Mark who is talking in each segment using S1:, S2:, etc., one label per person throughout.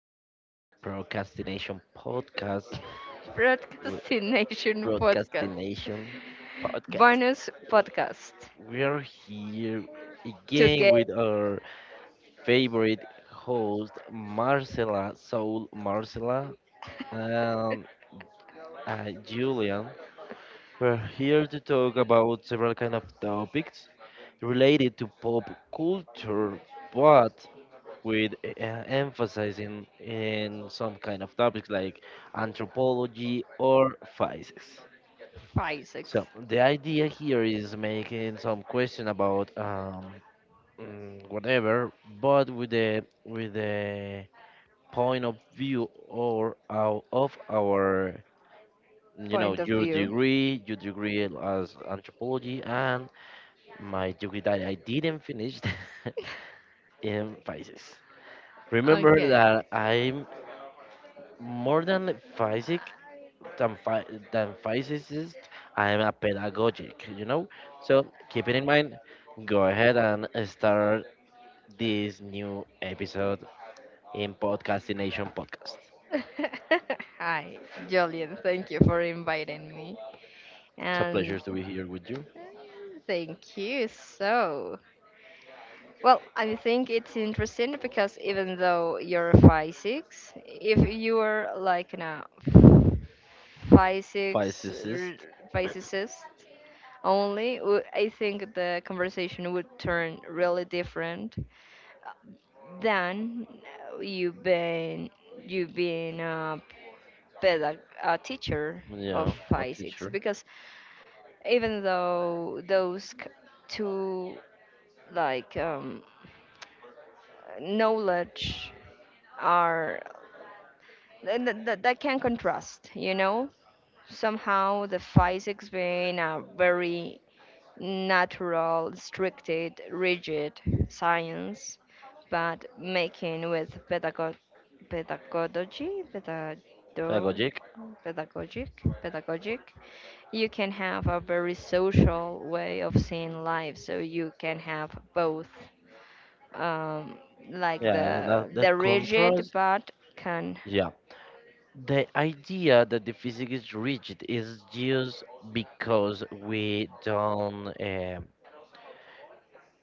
S1: our procrastination podcast. w-
S2: Procrastination Podcast,
S1: Procrastination podcast.
S2: bonus podcast
S1: We are here
S2: to
S1: again
S2: get
S1: with our favorite host, Marcela Soul Marcela, and Julian. We're here to talk about several kind of topics related to pop culture, but with emphasizing in some kind of topics like anthropology or physics.
S2: Isaac's
S1: So the idea here is making some question about whatever, but with the point of view or of our you know
S2: point of view.
S1: your degree as anthropology, and my degree that I didn't finish in physics. Remember
S2: Okay.
S1: that I'm more than physic than phy- than physicist, I am a pedagogic, you know. So keep it in mind. Go ahead and start this new episode in Podcastination Podcast.
S2: Hi, Julian. Thank you for inviting me.
S1: It's a pleasure
S2: And
S1: to be here with you.
S2: thank you. So, well, I think it's interesting because even though you're five six, if you are like now five six
S1: Physicist,
S2: physicist only, I think the conversation would turn really different than you've been you being a pedag a teacher
S1: yeah,
S2: of
S1: a
S2: physics
S1: teacher,
S2: because even though two like knowledge are that can contrast, you know, somehow the physics being a very natural, stricted, rigid science, but making with pedagogy, pedago-
S1: pedagogic,
S2: pedagogic, pedagogic, you can have a very social way of seeing life. So you can have both, um, like
S1: yeah. That
S2: the
S1: that
S2: rigid
S1: contrast,
S2: but can
S1: yeah. The idea that the physics is rigid is just because we don't. Um,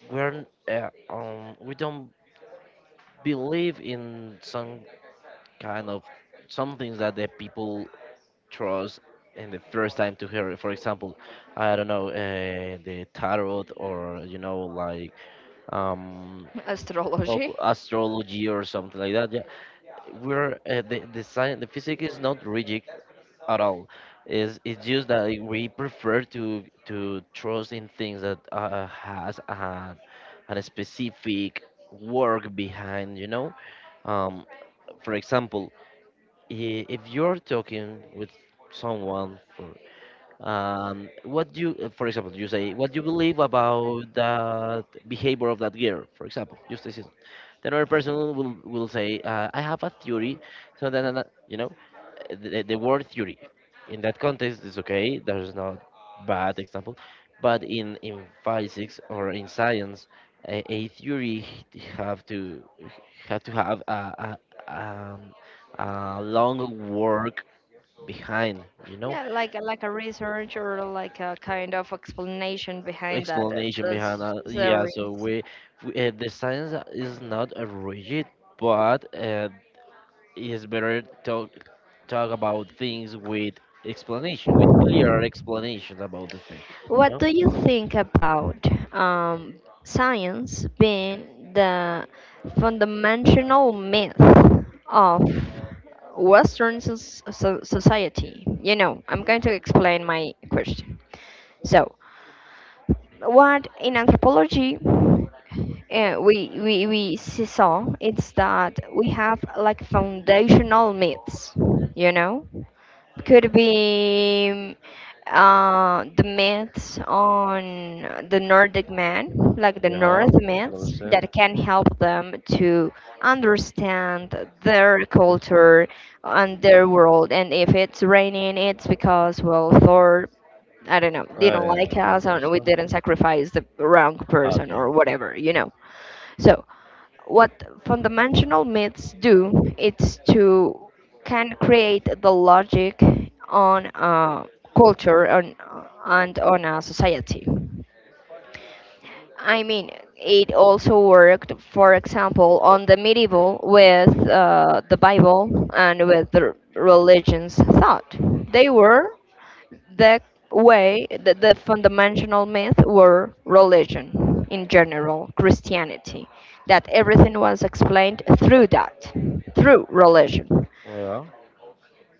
S1: we're uh, um We don't believe in some kind of some things that the people trust in the first time to hear it. For example, I don't know the tarot or you know like um
S2: astrology.
S1: astrology or something like that. Yeah, we're the science, the physics is not rigid at all. It's just that we prefer to trust in things that has a specific work behind, you know. Um, for example, if you're talking with someone for what you, for example, you say what you believe about that behavior of that girl, for example, just this. Then other person will say, I have a theory, so then, the word theory in that context is okay, there's not bad example, but in physics or in science a theory have to have to have um, a long work behind, you know,
S2: Yeah, like like a research or like a kind of explanation behind that.
S1: explanation
S2: The
S1: behind yeah,
S2: theory.
S1: so we, the science is not rigid, but it's better talk about things with explanation, with clear explanations about the thing.
S2: What
S1: No?
S2: do you think about um, science being the fundamental myth of society? You know, I'm going to explain my question. So, what in anthropology we see saw is that we have like foundational myths, you know? Could be the myths on the Nordic man, like the
S1: Yeah,
S2: North myths,
S1: understand.
S2: that can help them to understand their
S1: It's,
S2: culture and their world. And if it's raining, it's because, well, Thor, I don't know, didn't like
S1: yeah,
S2: us and we
S1: understand.
S2: didn't sacrifice the wrong person
S1: Okay.
S2: or whatever, you know. So what fundamental myths do is to can create the logic on a culture and on a society. I mean, it also worked, for example, on the medieval with the Bible and with the religions thought. They were the way the fundamental myth were religion in general, christianity, that everything was explained through that, through religion.
S1: Yeah,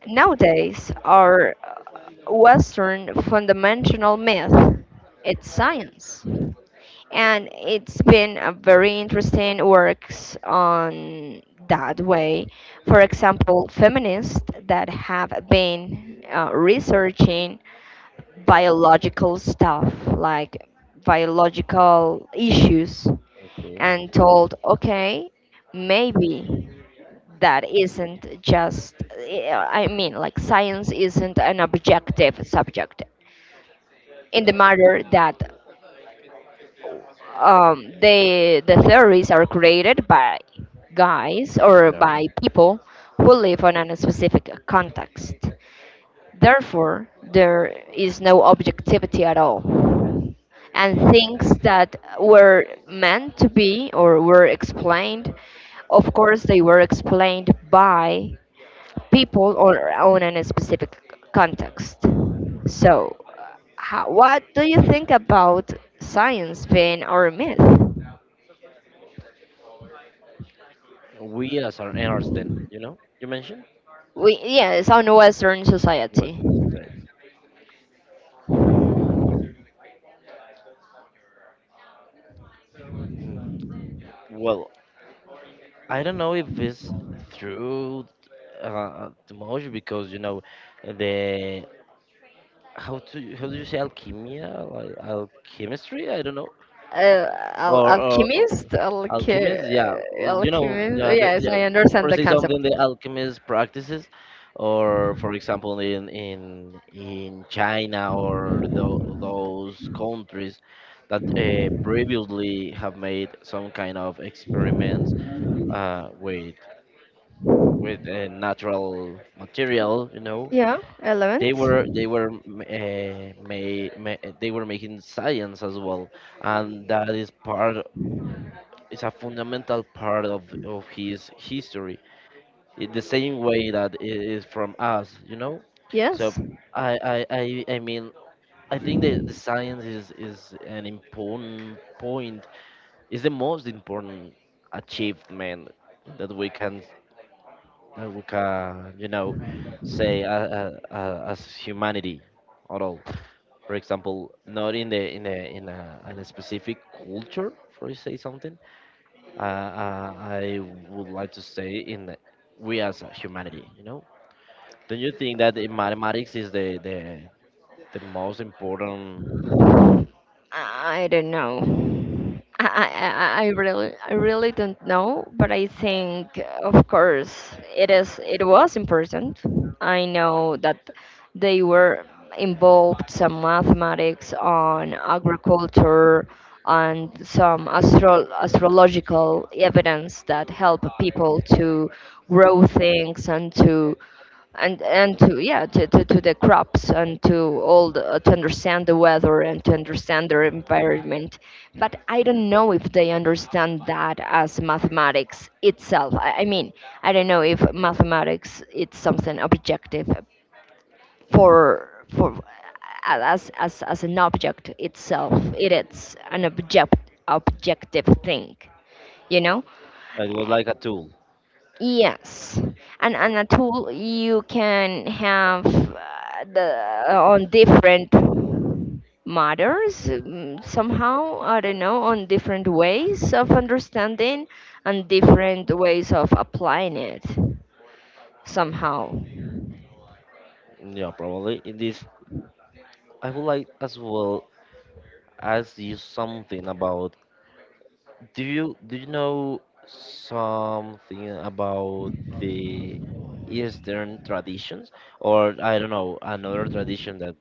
S2: Nowadays our western fundamental myth it's science, and it's been a very interesting works on that way. For example, feminists that have been researching biological stuff, like biological issues,
S1: okay.
S2: and told, okay, maybe that isn't just, I mean, like science isn't an objective subject in the matter that the theories are created by guys or
S1: Yeah.
S2: by people who live on a specific context. Therefore, there is no objectivity at all. And things that were meant to be or were explained, of course, they were explained by people or on a specific context. So, how, what do you think about science being our myth?
S1: We as an Einstein, you know, you mentioned
S2: We, yes, on Western society.
S1: Western society. Mm, Well, I don't know if it's through the most because you know the how do you say alchemia like alchemistry? I don't know.
S2: Uh,
S1: Or
S2: alchemist,
S1: alchemists, yeah, well, you know,
S2: alchemist.
S1: yeah, the,
S2: Yes,
S1: yeah,
S2: I understand
S1: per
S2: the
S1: se something
S2: concept.
S1: the alchemist practices, or for example in in China or those countries that previously have made some kind of experiments with with natural material, you know,
S2: Yeah,
S1: they
S2: elements.
S1: were they were uh, they were making science as well, and that is part, it's a fundamental part of his history in the same way that it is from us, you know. So
S2: Yes.
S1: I mean, I think that the science is an important point, is the most important achievement that we can, that we can, you know, say as humanity at all. For example, not in the in a in a, in a specific culture, for you say something, I would like to say in the, we as a humanity, you know. Don't you think that the mathematics is the most important?
S2: I don't know. I really don't know, but I think of course it was important. I know that they were involved some mathematics on agriculture and some astrological evidence that help people to grow things and to and and to yeah to, to the crops and to all the, to understand the weather and to understand their environment. But I don't know if they understand that as mathematics itself. I mean, I don't know if mathematics it's something objective for as an object itself. It is an objective thing, you know.
S1: Like, it was like a tool,
S2: Yes, and a tool you can have the on different matters, somehow I don't know, on different ways of understanding and different ways of applying it somehow.
S1: yeah, probably. In this, I would like as well ask you something about. Do you know something about the Eastern traditions, or I don't know another tradition that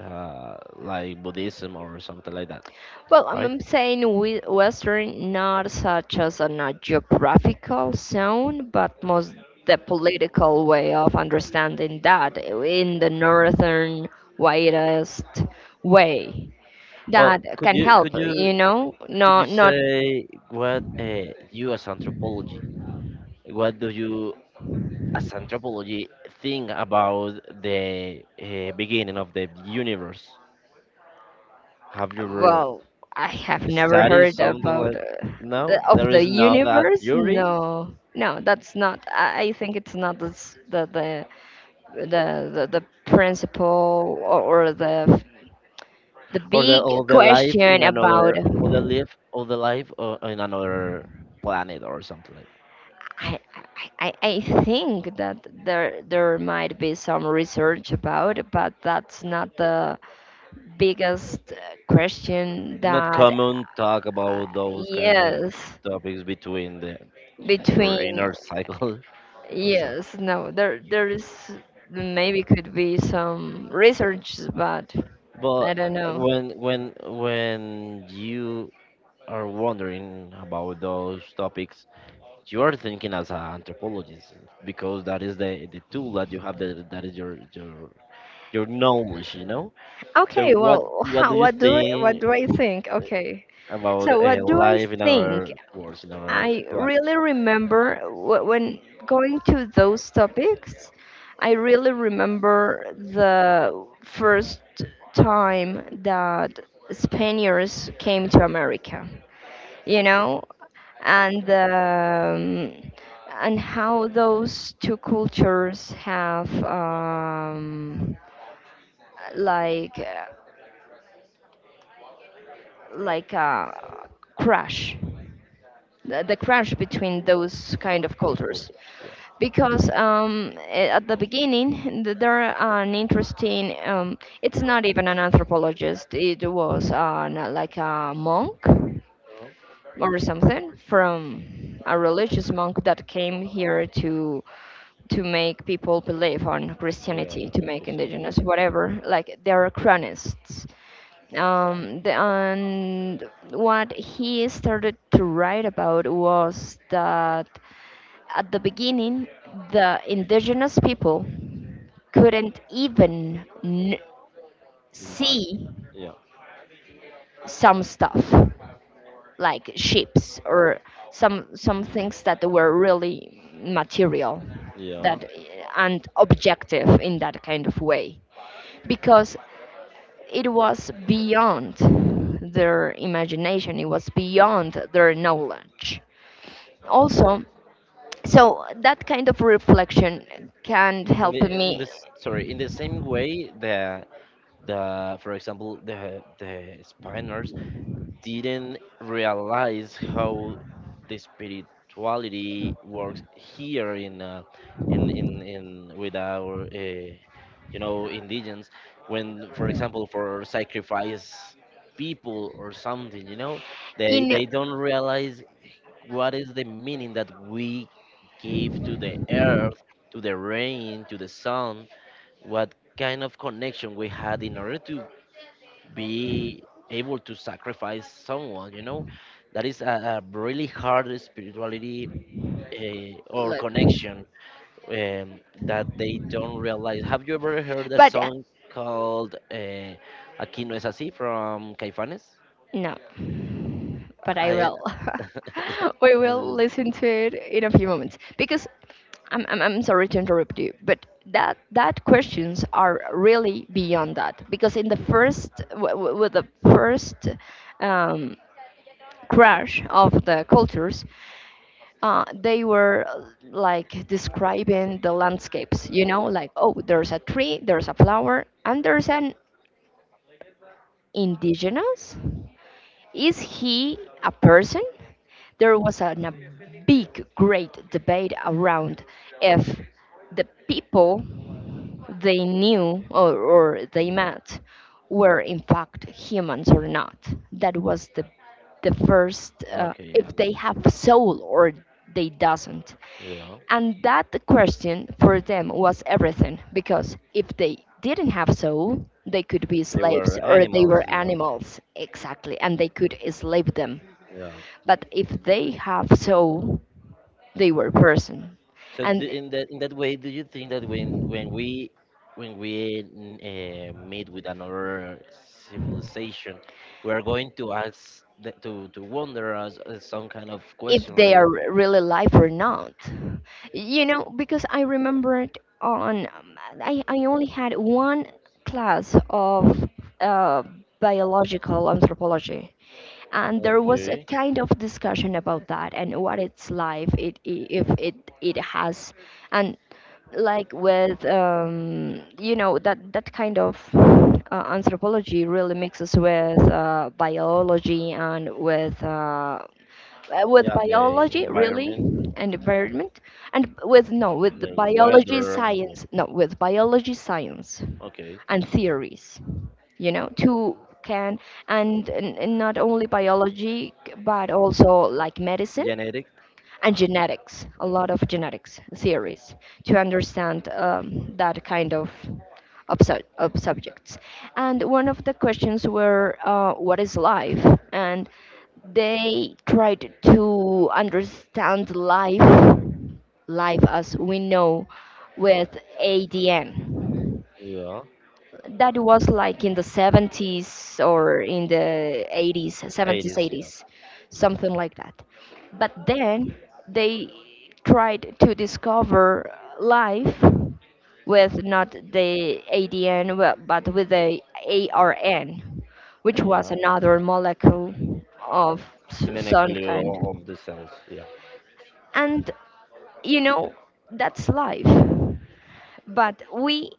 S1: like Buddhism or something like that,
S2: Well,
S1: right?
S2: I'm saying Western, not such as in a geographical zone, but most the political way of understanding that in the northern widest way
S1: Oh,
S2: that
S1: could
S2: can
S1: you
S2: help.
S1: could you
S2: You know,
S1: could
S2: no,
S1: you
S2: not
S1: say what you as anthropology what do you as anthropology think about the beginning of the universe? Have you ever
S2: well. I have never
S1: studied
S2: heard
S1: something
S2: about
S1: like, no,
S2: of
S1: there
S2: the
S1: is now that
S2: universe.
S1: theory,
S2: No, no, that's not. I think it's not the principle or the
S1: or the,
S2: big
S1: or the life
S2: question
S1: in
S2: about.
S1: another, or the life, or the life in another planet or something like?
S2: I think that there might be some research about, but that's not the biggest question
S1: It's not
S2: that
S1: common talk about those kind of
S2: yes
S1: topics between the your
S2: between.
S1: inner cycle or something.
S2: Yes, no, there there is maybe could be some research but I
S1: But
S2: don't know.
S1: when you are wondering about those topics, you are thinking as an anthropologist because that is the tool that you have, that, that is your knowledge, you know. So
S2: Okay,
S1: what
S2: well,
S1: what do
S2: how,
S1: you
S2: what
S1: think
S2: do I think? Okay, so
S1: about
S2: what do I
S1: life in
S2: think.
S1: other worlds, in other
S2: I
S1: plant,
S2: really remember when going to those topics, I really remember the first time that Spaniards came to America, you know, and um, and how those two cultures have like like a crash, the crash between those kind of
S1: those
S2: cultures
S1: cultures? Yeah.
S2: because at the beginning there are an interesting it's not even an anthropologist, it was like a monk
S1: No?
S2: or something from a religious monk that came here to make people believe on
S1: Yeah,
S2: Christianity,
S1: yeah,
S2: to
S1: okay,
S2: make
S1: so, yeah.
S2: indigenous whatever. Like there are chronists. And what he started to write about was that at the beginning, the indigenous people couldn't even
S1: Mag-
S2: see
S1: Yeah.
S2: some stuff like ships or some
S1: Mm,
S2: things that were really material
S1: yeah.
S2: that and objective in that kind of way because it was beyond their imagination, it was beyond their knowledge also. So that kind of reflection can help
S1: In
S2: me
S1: the sorry, in the same way the, for example, the Spaniards didn't realize how the spirituality works here in in with our you know indigens, when for example for sacrifice people or something, you know,
S2: in
S1: they don't realize what is the meaning that we give to the earth, to the rain, to the sun, what kind of connection we had in order to be able to sacrifice someone, you know, that is a really hard spirituality or
S2: like
S1: connection, um, that they don't realize. Have you ever heard a
S2: but
S1: song called aquí no es así from caifanes?
S2: no, but I
S1: I,
S2: will. We
S1: Eso
S2: will
S1: es-
S2: listen to it in a few moments because I'm sorry to interrupt you, but that questions are really beyond that because in the first with the first um, crash of the cultures, they were like describing the landscapes. You know, like oh, there's a tree, there's a flower, and there's an indigenous. Is he a person? There was a big, great debate around if the people they knew or they
S1: yeah.
S2: met were in fact humans or not. That was the first
S1: Okay,
S2: if they have soul or they doesn't.
S1: yeah,
S2: And that question for them was everything, because if they didn't have soul, they could be
S1: they were
S2: slaves or they
S1: animals,
S2: were
S1: yeah,
S2: animals, exactly, and they could enslave them.
S1: yeah.
S2: But if they have soul, they were person.
S1: So do,
S2: And
S1: in that, in that way, do you think that when when we meet with another civilization, we are going to ask the, to wonder us some kind of
S2: if
S1: question
S2: they
S1: like
S2: are
S1: that?
S2: really alive or not, you know, because I remembered on, I only had one class of uh, biological anthropology, and there was a
S1: Okay.
S2: kind of discussion about that and what it's like if it it has and like with you know that that kind of anthropology really mixes with biology and with
S1: Yeah, the
S2: biology really
S1: environment,
S2: and environment and with no with the
S1: the
S2: biology
S1: weather.
S2: science, no with biology science
S1: Okay.
S2: and theories, you know, to can and, not only biology but also like medicine
S1: Genetic?
S2: and genetics, a
S1: Yeah.
S2: lot of genetics theories to understand that kind of of subjects. And one of the questions were what is life. And they tried to understand life, life as we know, with adn.
S1: Yeah.
S2: That was like in the 70s or in the 80s,
S1: It
S2: 70s,
S1: is, yeah.
S2: 80s, something like that. But then they tried to discover life with not the ADN, well, but with the ARN, which was
S1: Yeah.
S2: another molecule of
S1: And then a
S2: some kind.
S1: clue of the cells. Yeah.
S2: And you know, that's life. But we,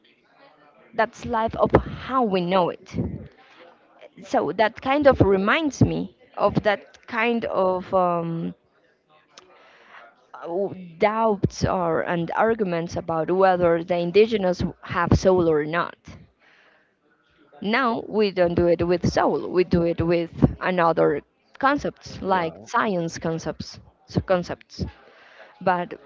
S2: that's life of how we know it. So that kind of reminds me of that kind of doubts or and arguments about whether the indigenous have soul or not. Now we don't do it with soul. We do it with another concepts like
S1: Yeah.
S2: science concepts, so concepts. But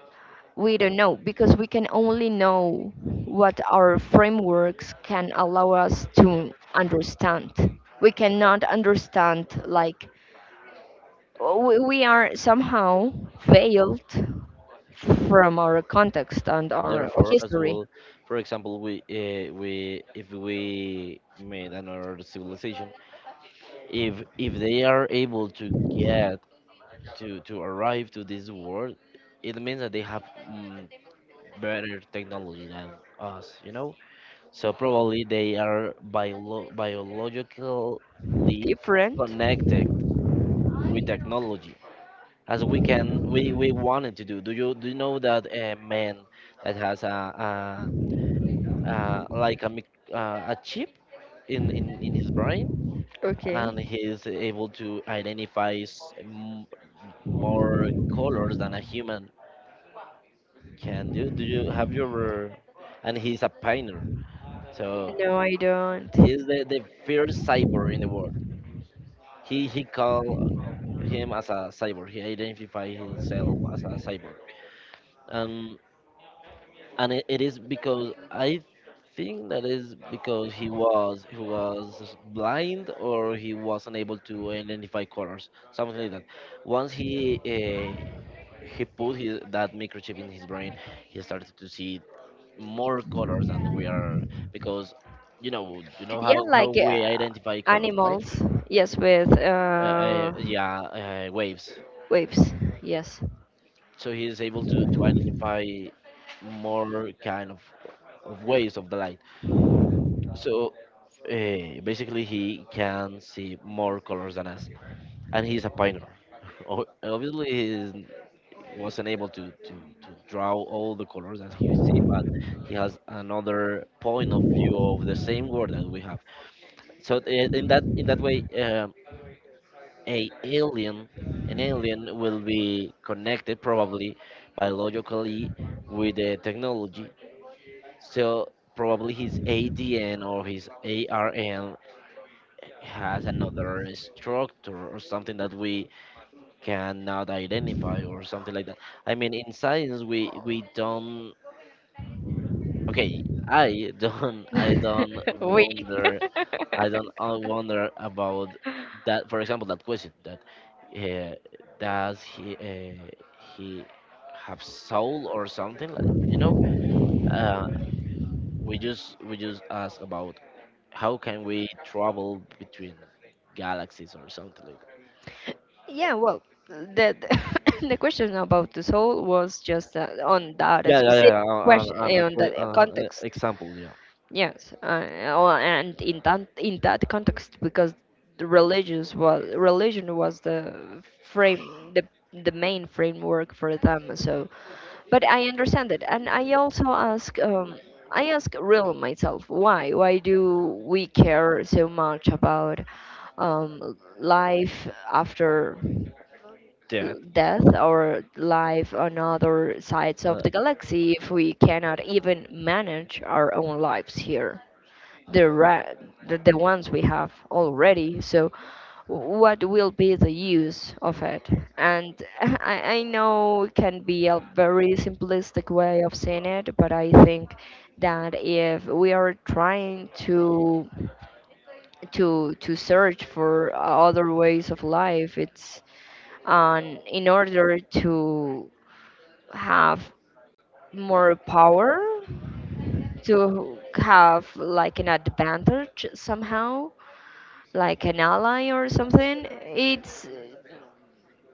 S2: we don't know because we can only know what our frameworks can allow us to understand. We cannot understand like we are somehow veiled from our context and our
S1: Therefore, as
S2: history.
S1: well, for example, we if we made another civilization, if they are able to get to arrive to this world, it means that they have mm, better technology than us, you know. So probably they are biologically
S2: Different?
S1: connected with technology, as we can, we wanted to do. Do you know that a man that has a, like a mic a chip in, in his brain,
S2: Okay.
S1: and he's able to identify more colors than a human can do. Do you have you ever? And he's a pioneer, so
S2: No, I don't.
S1: he's the first cyborg in the world. He call him as a cyborg. He identify himself as a cyborg. And and it, it is because I think that is because he was, he was blind or he was unable to identify colors, something like that. Once he put his, that microchip in his brain, he started to see more colors than we are, because you know, you know
S2: Yeah,
S1: how
S2: like
S1: we identify colors, right?
S2: animals. Yes, with
S1: Yeah, waves.
S2: waves. Yes.
S1: So he is able to identify more kind of waves of the light. So basically, he can see more colors than us, and he's a painter. Obviously, he wasn't able to draw all the colors that he see, but he has another point of view of the same world that we have. So in that way, a alien, an alien will be connected probably biologically with the technology. So probably his ADN or his ARN has another structure or something that we cannot identify or something like that. I mean, in science, we don't. Okay, I don't. I don't
S2: We.
S1: wonder. I don't wonder about that. For example, that question that uh, does he have soul or something like, you know? Uh, we just, ask about how can we travel between galaxies or something like.
S2: Yeah, well, the the question about the soul was just on that
S1: Yeah, yeah, yeah.
S2: specific question, on that context.
S1: Example, yeah.
S2: Yes, well, and in that context, because the religious was religion was the frame the main framework for them. So, but I understand it, and I also ask I ask real myself why do we care so much about life after
S1: Yeah.
S2: death or life on other sides of
S1: Uh,
S2: the galaxy if we cannot even manage our own lives here? The, ra- The ones we have already. So what will be the use of it? And I know it can be a very simplistic way of seeing it, but I think that if we are trying to search for other ways of life, it's in order to have more power, to have like an advantage somehow, like an ally or something. It's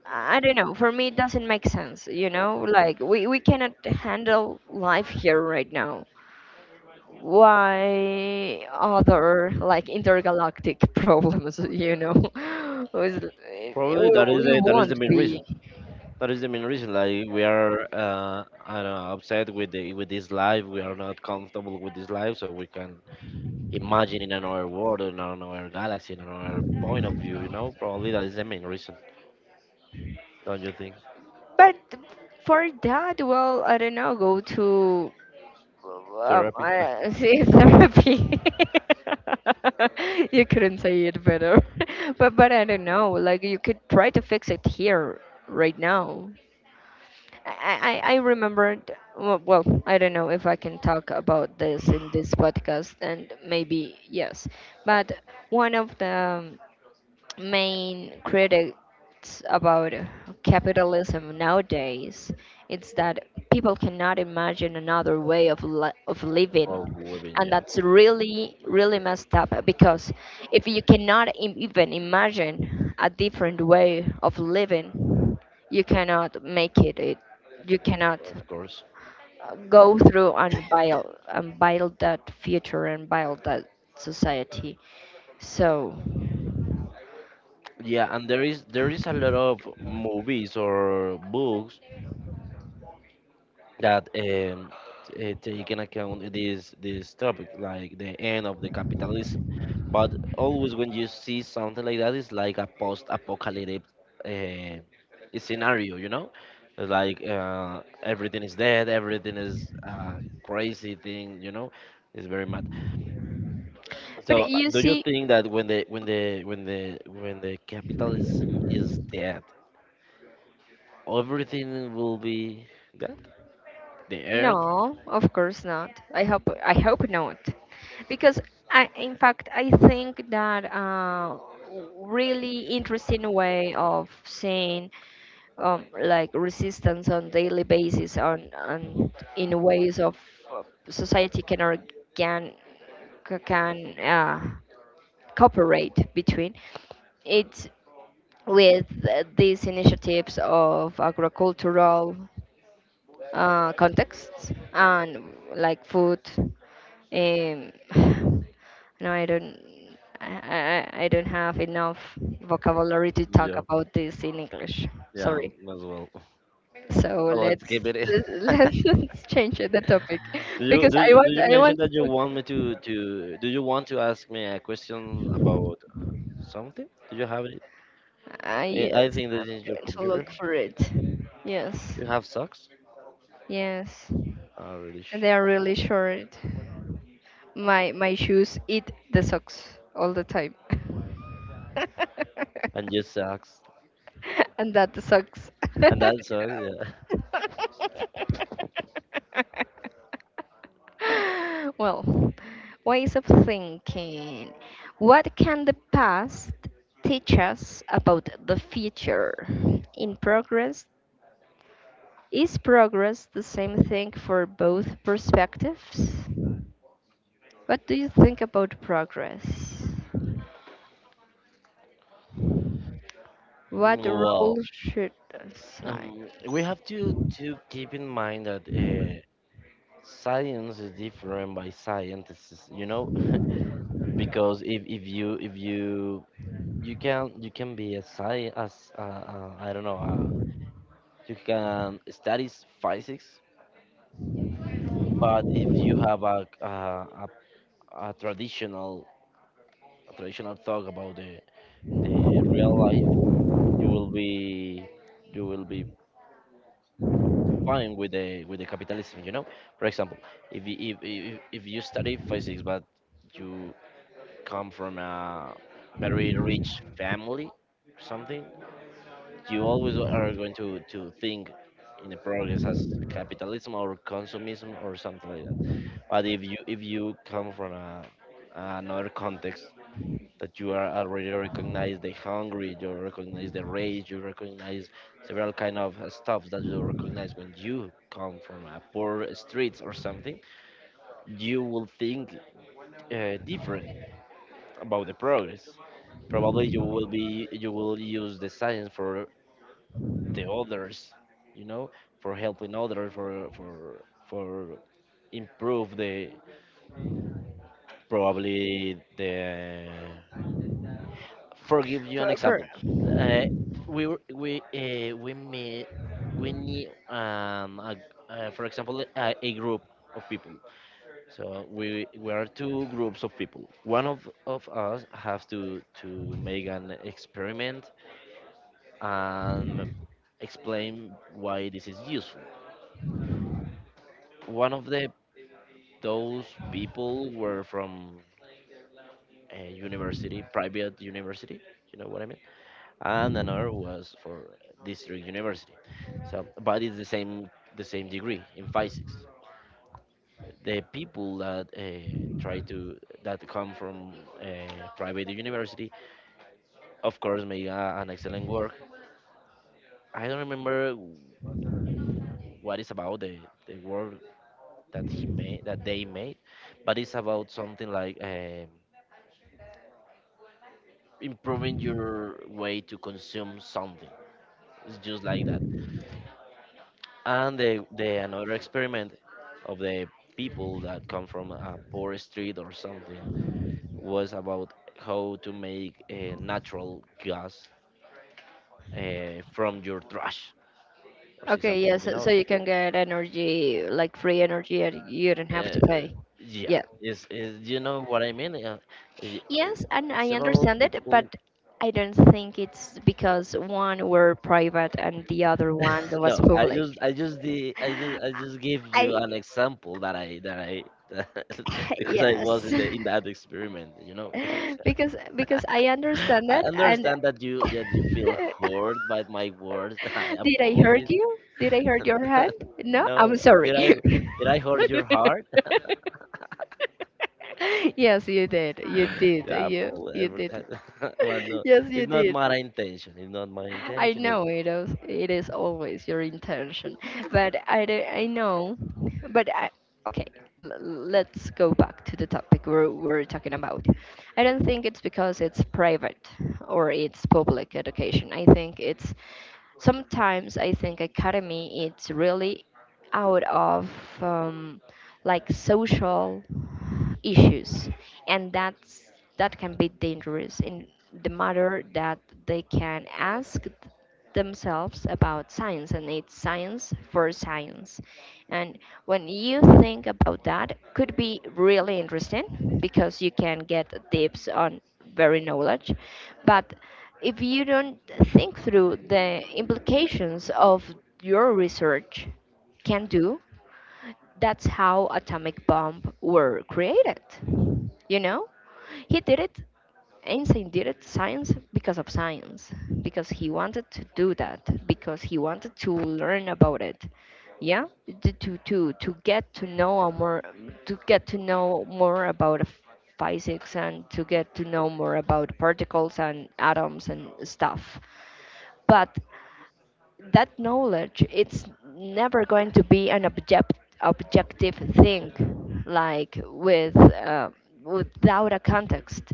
S2: I don't know, for me it doesn't make sense, you know, like we cannot handle life here right now. Why other like intergalactic problems, you know? Was,
S1: Probably that is
S2: we
S1: the, that is the
S2: won't
S1: main
S2: be
S1: reason. That is the main reason. Like we are, I don't know, upset with the with this life. We are not comfortable with this life, so we can imagine in another world, in another galaxy, in another point of view. You know, probably that is the main reason. Don't you think?
S2: but for that. Well I don't know, go to
S1: Therapy.
S2: I see therapy. You couldn't say it better, but I don't know. Like you could try to fix it here right now. I remembered. Well, well, I don't know if I can talk about this in this podcast, and maybe yes. But one of the main critics about capitalism nowadays, it's that people cannot imagine another way of living.
S1: Of living,
S2: And
S1: yeah,
S2: that's really messed up, because if you cannot even imagine a different way of living, you cannot make it. You cannot
S1: of course.
S2: go through and build that future and build that society, so.
S1: Yeah, and there is, there is a lot of movies or books that take in account this this topic, like the end of the capitalism. But always when you see something like that, it's like a post-apocalyptic uh, scenario, you know? It's like everything is dead, everything is crazy thing, you know? It's very mad. So,
S2: But you
S1: do you
S2: see,
S1: think that when the capitalism is dead, everything will be dead? The earth?
S2: no, of course not. I hope not, because I, in fact, I think that really interesting way of seeing, like resistance on daily basis, on in ways of, uh, society can organ, can, cooperate between it, with, these initiatives of agricultural, contexts and like food. No, I don't. I don't have enough vocabulary to talk
S1: Yeah,
S2: about this in English.
S1: yeah,
S2: Sorry.
S1: as well.
S2: So
S1: So let's
S2: let's,
S1: keep it.
S2: let's change the topic,
S1: do you
S2: because
S1: do you,
S2: I
S1: do
S2: want
S1: you
S2: I
S1: mention
S2: want to
S1: that you
S2: talk.
S1: want me to, do you want to ask me a question about something? Do you have it?
S2: Yes,
S1: I think this is
S2: I'm
S1: your
S2: going to look
S1: computer.
S2: for it. Yes.
S1: You have socks?
S2: Yes,
S1: Oh, really?
S2: and
S1: Sh-
S2: they are really short. My shoes eat the socks all the time.
S1: And you socks.
S2: And that sucks.
S1: And that sucks. Yeah.
S2: Well, ways of thinking. What can the past teach us about the future? In progress. Is progress the same thing for both perspectives? What do you think about progress? What role
S1: Well,
S2: should science
S1: we have to keep in mind that science is different by scientists. You know, because if you you can be a science as I don't know. A You can study physics, but if you have a, a traditional a traditional thought about the real life, you will be you will be fine with the capitalism. You know, for example, if if you study physics, but you come from a very rich family, or something, you always are going to think in the progress as capitalism or consumism or something like. But if you come from a, another context that you are already recognize the hungry, you recognize the rage, you recognize several kind of stuff that you recognize when you come from a poor streets or something, you will think different about the progress. Probably you will use the science for the others, you know, for helping others, for improve the probably the for give you an
S2: for
S1: example, uh, we meet we need for example a group of people. So we are two groups of people. One of us has to make an experiment and explain why this is useful. One of the those people were from a university, private university. You know what I mean? And another was for district university. So, but it's the same degree in physics. The people that try to that come from a private university, of course, make an excellent work. I don't remember what is about the work that they made, but it's about something like improving your way to consume something. It's just like that. And the another experiment of the people that come from a poor street or something was about how to make a natural gas from your trash or see
S2: okay,
S1: something,
S2: yeah,
S1: you
S2: so,
S1: know.
S2: so you can get energy, like free energy, and you don't have to
S1: uh,
S2: pay.
S1: yeah,
S2: Yeah.
S1: is you know what I mean,
S2: Yes, and I
S1: several
S2: understand it,
S1: people.
S2: but I don't think it's because one were private and the other one was
S1: No, I
S2: public.
S1: just I just the I just give you
S2: I,
S1: an example that I because I was
S2: yes.
S1: in the in that experiment, you know.
S2: Because I understand
S1: I
S2: that. And
S1: understand that you that you feel hurt by my words. I
S2: did I hurt
S1: apologize.
S2: you? Did I hurt your hand? No, I'm
S1: No,
S2: sorry.
S1: did I hurt your heart?
S2: Yes, you did. You did.
S1: Yeah,
S2: You
S1: apologize
S2: you
S1: for
S2: did.
S1: that. But no,
S2: Yes, you
S1: it's not
S2: did.
S1: my intention. It's not my
S2: I
S1: intention. It,
S2: know it is always your intention, but I know, but I, okay, let's go back to the topic we're talking about. I don't think it's because it's private or it's public education. I think it's, sometimes I think academy it's really out of, um, like social issues, and that's, that can be dangerous in the matter that they can ask themselves about science, and it's science for science. And when you think about that, could be really interesting because you can get tips on very knowledge. But if you don't think through the implications of your research can do, that's how atomic bomb were created. You know? He did it Einstein did it, science because of science, because he wanted to do that, because he wanted to learn about it. Yeah, to get to know a more, to get to know more about physics, and to get to know more about particles and atoms and stuff. But that knowledge it's never going to be an objective thing, like with without a context,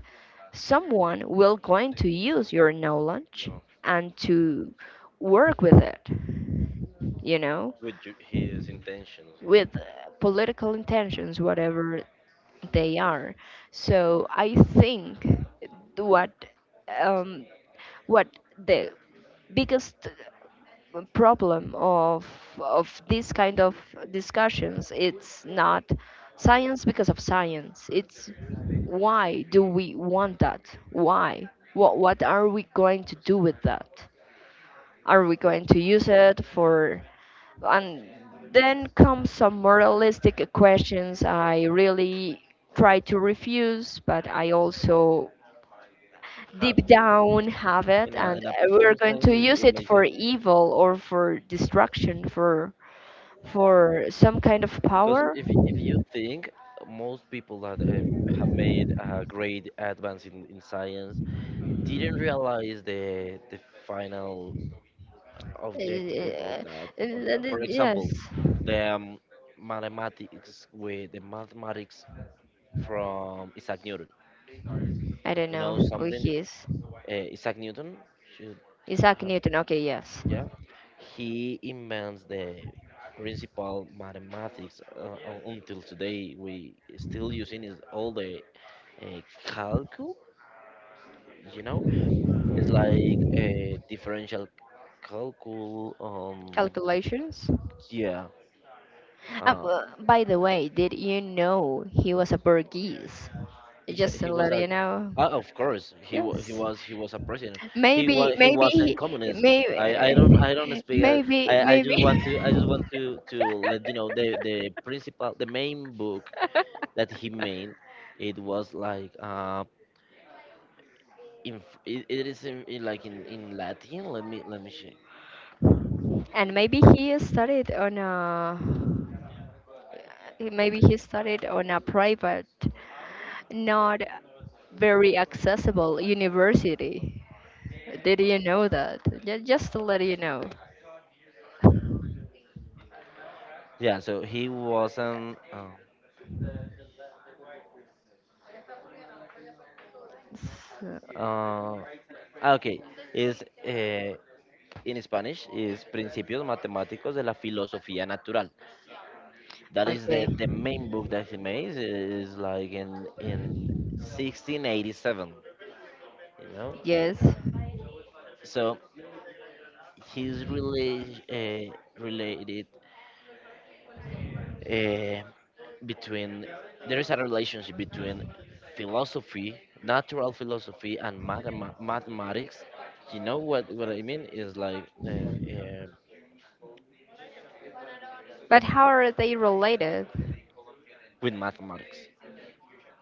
S2: someone will going to use your knowledge
S1: no,
S2: and to work with it, you know,
S1: with his intentions and
S2: with political intentions, whatever they are. So I think what, um, what the biggest problem of this kind of discussions it's not science because of science, it's why do we want that, why, what are we going to do with that, are we going to use it for? And then come some moralistic questions I really try to refuse, but I also
S1: have
S2: deep
S1: to.
S2: down have it,
S1: In a
S2: and we're
S1: performance
S2: going
S1: sense,
S2: to use
S1: it
S2: it
S1: makes
S2: for
S1: sense.
S2: evil or for destruction, for some kind of
S1: Because
S2: power.
S1: if you think most people that have made a great advance in science didn't realize the final objective
S2: Uh, uh,
S1: of that. For
S2: yes,
S1: example, the mathematics from Isaac Newton.
S2: I don't
S1: You
S2: know
S1: know
S2: who
S1: something?
S2: he is.
S1: Isaac Newton should
S2: Isaac
S1: have.
S2: Newton. Okay, yes.
S1: Yeah. He invents the principal mathematics until today. We still using is all the uh, calculus. You know, it's like a differential calculus.
S2: Calculations.
S1: Yeah. Uh,
S2: By the way, did you know he was a Portuguese?
S1: it's a,
S2: Just
S1: he
S2: to
S1: was
S2: let
S1: a
S2: you know.
S1: of course
S2: Yes.
S1: he was a president, he
S2: Maybe,
S1: was
S2: maybe,
S1: in communism. i i
S2: maybe,
S1: don't i don't speak, uh,
S2: maybe,
S1: i i just want to i just
S2: maybe.
S1: want to let you know the principal the main book that he made. It was like it, it is in like in Latin. Let me check.
S2: And maybe he studied on a, maybe he studied on a private, not very accessible university. Did you know that? Just to let you know.
S1: Yeah, so he wasn't
S2: So-
S1: uh ah, okay, is uh, in Spanish is Principios Matemáticos de la Filosofía Natural. That is
S2: okay.
S1: the main book that he made. Is like in 1687, you know.
S2: Yes.
S1: So he's really related uh, between there is a relationship between philosophy, natural philosophy, and mathematics. You know what I mean is like
S2: But how are they related?
S1: with mathematics.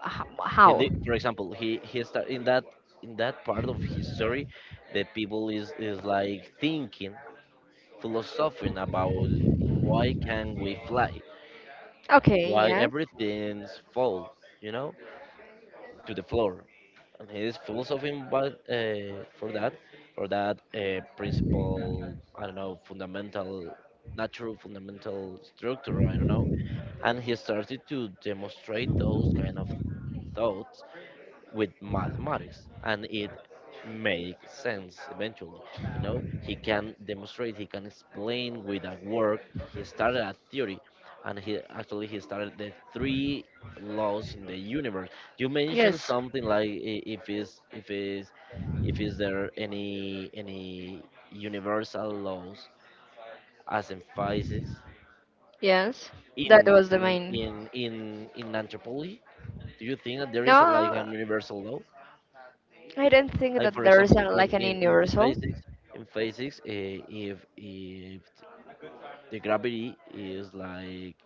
S1: He
S2: How?
S1: did, for example, he start in that part of his story, the people is like thinking philosophizing about why can we fly,
S2: Okay.
S1: why
S2: Yes.
S1: everything's fall, you know, to the floor. And he is philosophizing but, for that principle, I don't know, fundamental, natural fundamental structure, I don't know. And he started to demonstrate those kind of thoughts with mathematics and it makes sense eventually. You know, he can demonstrate, he can explain with a work, he started a theory, and he actually he started the three laws in the universe. You mentioned
S2: Yes.
S1: something like if is there any universal laws as emphasis
S2: Yes. That was the main.
S1: in anthropology. Do you think that there is a, like
S2: No,
S1: an universal law?
S2: I don't think
S1: I,
S2: that
S1: for
S2: there is a,
S1: example,
S2: like an universal.
S1: in physics, if the gravity is like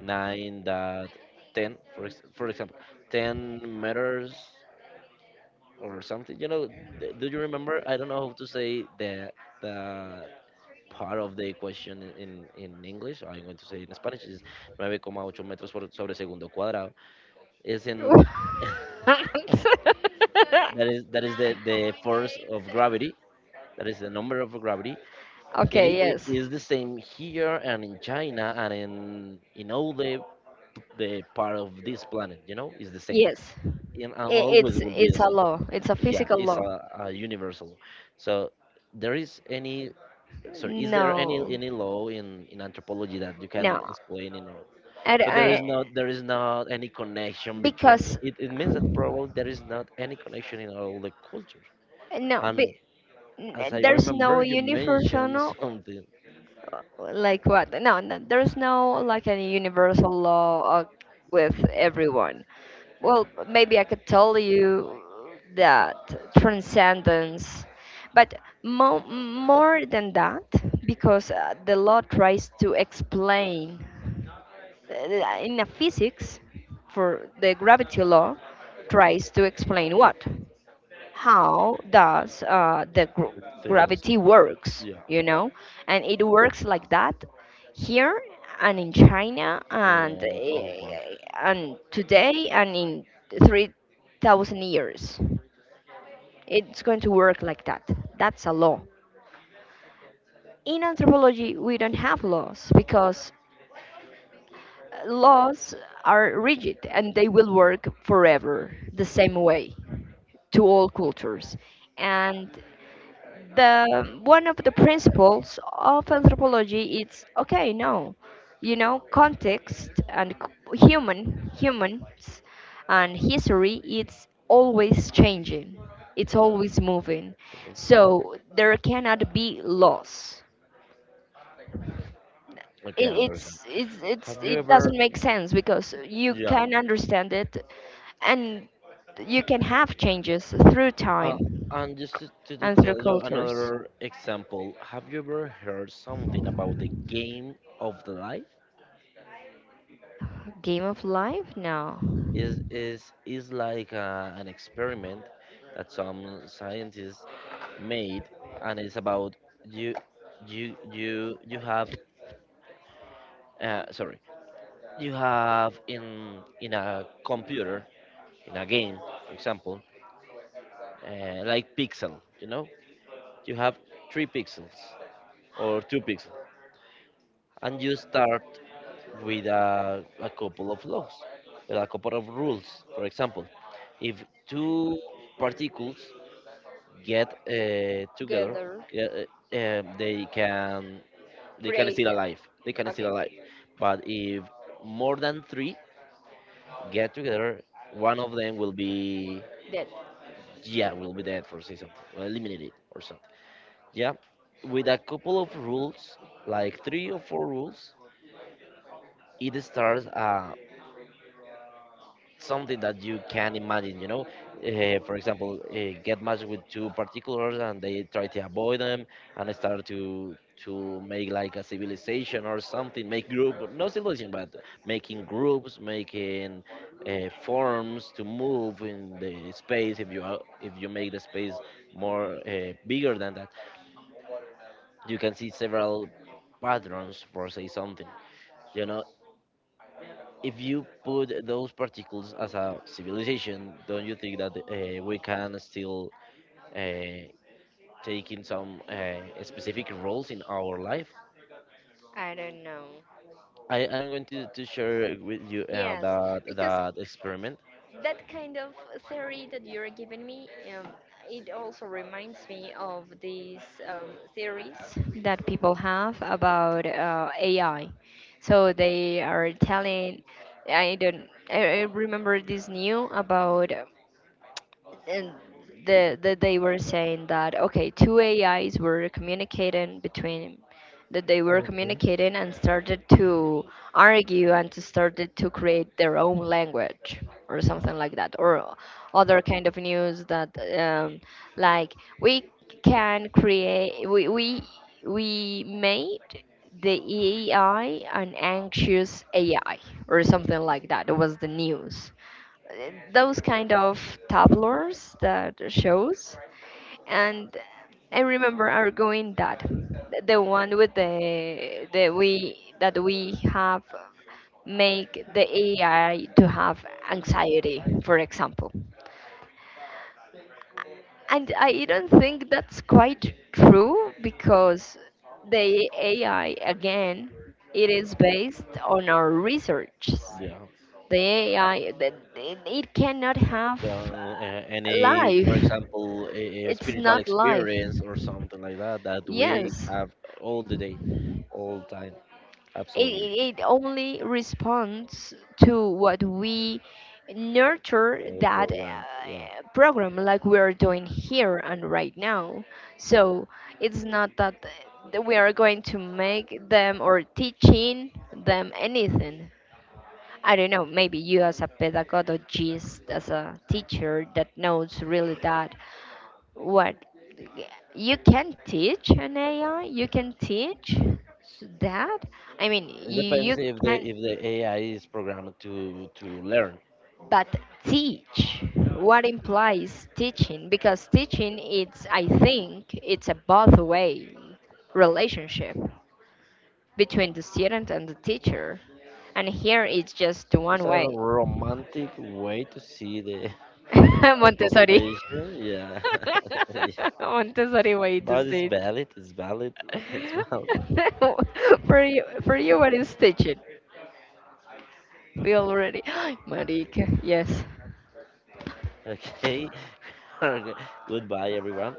S1: nine dot ten, for example, 10 meters or something, you know, do you remember? I don't know how to say the part of the equation in English. I'm going to say in Spanish is 9,8 metros por sobre segundo cuadrado. Is in that is the force of gravity. That is the number of gravity, and it,
S2: Okay.
S1: it
S2: Yes.
S1: is the same here and in China and in all the part of this planet. You know, is the same,
S2: Yes.
S1: and
S2: I-
S1: always will be the
S2: it's a
S1: same.
S2: law. It's a
S1: Yeah,
S2: physical
S1: it's
S2: law.
S1: a universal. So there is any, sorry, is there
S2: No,
S1: any law in anthropology that you
S2: no,
S1: can explain in all?
S2: I,
S1: So there
S2: I,
S1: is not, there is not any connection between
S2: because
S1: it. It means that probably there is not any connection in all the cultures.
S2: no, be,
S1: And as I
S2: there's no
S1: remember, you
S2: universal,
S1: mentioned something
S2: like what? No, no, there's no like a universal law, with everyone. Well, maybe I could tell you that transcendence, but more than that, because the law tries to explain, in a physics, for the gravity law tries to explain what, how does the
S1: things.
S2: gravity works,
S1: Yeah.
S2: you know? And it works like that here and in China
S1: In all parts.
S2: and today and in 3000 years it's going to work like that. That's a law. In anthropology we don't have laws, because laws are rigid and they will work forever the same way to all cultures. And the one of the principles of anthropology is okay, no, you know, context and human humans and history it's always changing. It's always moving.
S1: Okay, got it.
S2: So there cannot be loss.
S1: Okay,
S2: It,
S1: I understand.
S2: it's
S1: Have you
S2: it
S1: ever,
S2: doesn't make sense because you
S1: yeah,
S2: can understand it and you can have changes through
S1: uh,
S2: time
S1: and just to, to
S2: and through
S1: tell you
S2: cultures.
S1: another example, have you ever heard something about the game of the life?
S2: Game of life, no.
S1: Is like an experiment that some scientists made, and it's about you, you have, sorry, you have in a computer in a game, for example. Uh, like pixel, you know, you have three pixels or two pixels and you start with a couple of laws, with a couple of rules. For example, if two particles get together
S2: Together,
S1: uh, uh, they can,
S2: pray,
S1: still alive, they can
S2: okay,
S1: still alive. But if more than three get together, one of them will be.
S2: death.
S1: Yeah, will be dead, for say something, will eliminate it or so. Yeah, with a couple of rules, like three or four rules, it starts something that you can imagine. You know, for example, get matched with two particulars and they try to avoid them and start to make like a civilization or something, make group, no civilization, but making groups, making forms to move in the space. If you make the space more bigger than that, you can see several patterns, for say something. You know, if you put those particles as a civilization, don't you think that we can still uh, take in some specific roles in our life?
S2: I don't know.
S1: I am going to share with you
S2: Yes,
S1: that
S2: because
S1: that experiment.
S2: that kind of theory that you're giving me, um, it also reminds me of these, um, theories that people have about AI. So they are telling, I don't, I remember this new about, and the, they were saying that okay, two ais were communicating between, that they were communicating and started to argue and to started to create their own language or something like that, or other kind of news that, um, like we can create we made the AI an anxious AI or something like that. It was the news. uh, those kind of tableaus that shows, and I remember are going that the one with the we that we have make the AI to have anxiety, for example. And I even think that's quite true because the AI, again, it is based on our research.
S1: Yeah.
S2: The AI, that it cannot have
S1: Yeah, a- any, for
S2: life.
S1: example, a
S2: It's
S1: spiritual
S2: not life.
S1: experience or something like that that we
S2: Yes.
S1: have all the day, all time.
S2: it,
S1: Absolutely,
S2: it it only responds to what we nurture
S1: we're
S2: that
S1: programmed. Yeah.
S2: program, like we are doing here and right now. So it's not that we are going to make them or teaching them anything. I don't know, maybe you as a pedagogist, as a teacher that knows really that what you can teach an AI, you can teach that. I mean,
S1: It
S2: you
S1: depends if the
S2: can.
S1: AI is programmed to learn.
S2: But teach, what implies teaching? Because teaching is, I think, it's a both way relationship between the student and the teacher. And here it's just
S1: It's
S2: one
S1: a
S2: way.
S1: romantic way to see the our
S2: Montessori.
S1: profession. Yeah, yeah,
S2: Montessori way to
S1: but it's
S2: say it.
S1: valid. It's valid. It's valid.
S2: For you, for you, what is teaching? We already, Marika, yes.
S1: Okay. Okay. Goodbye, everyone.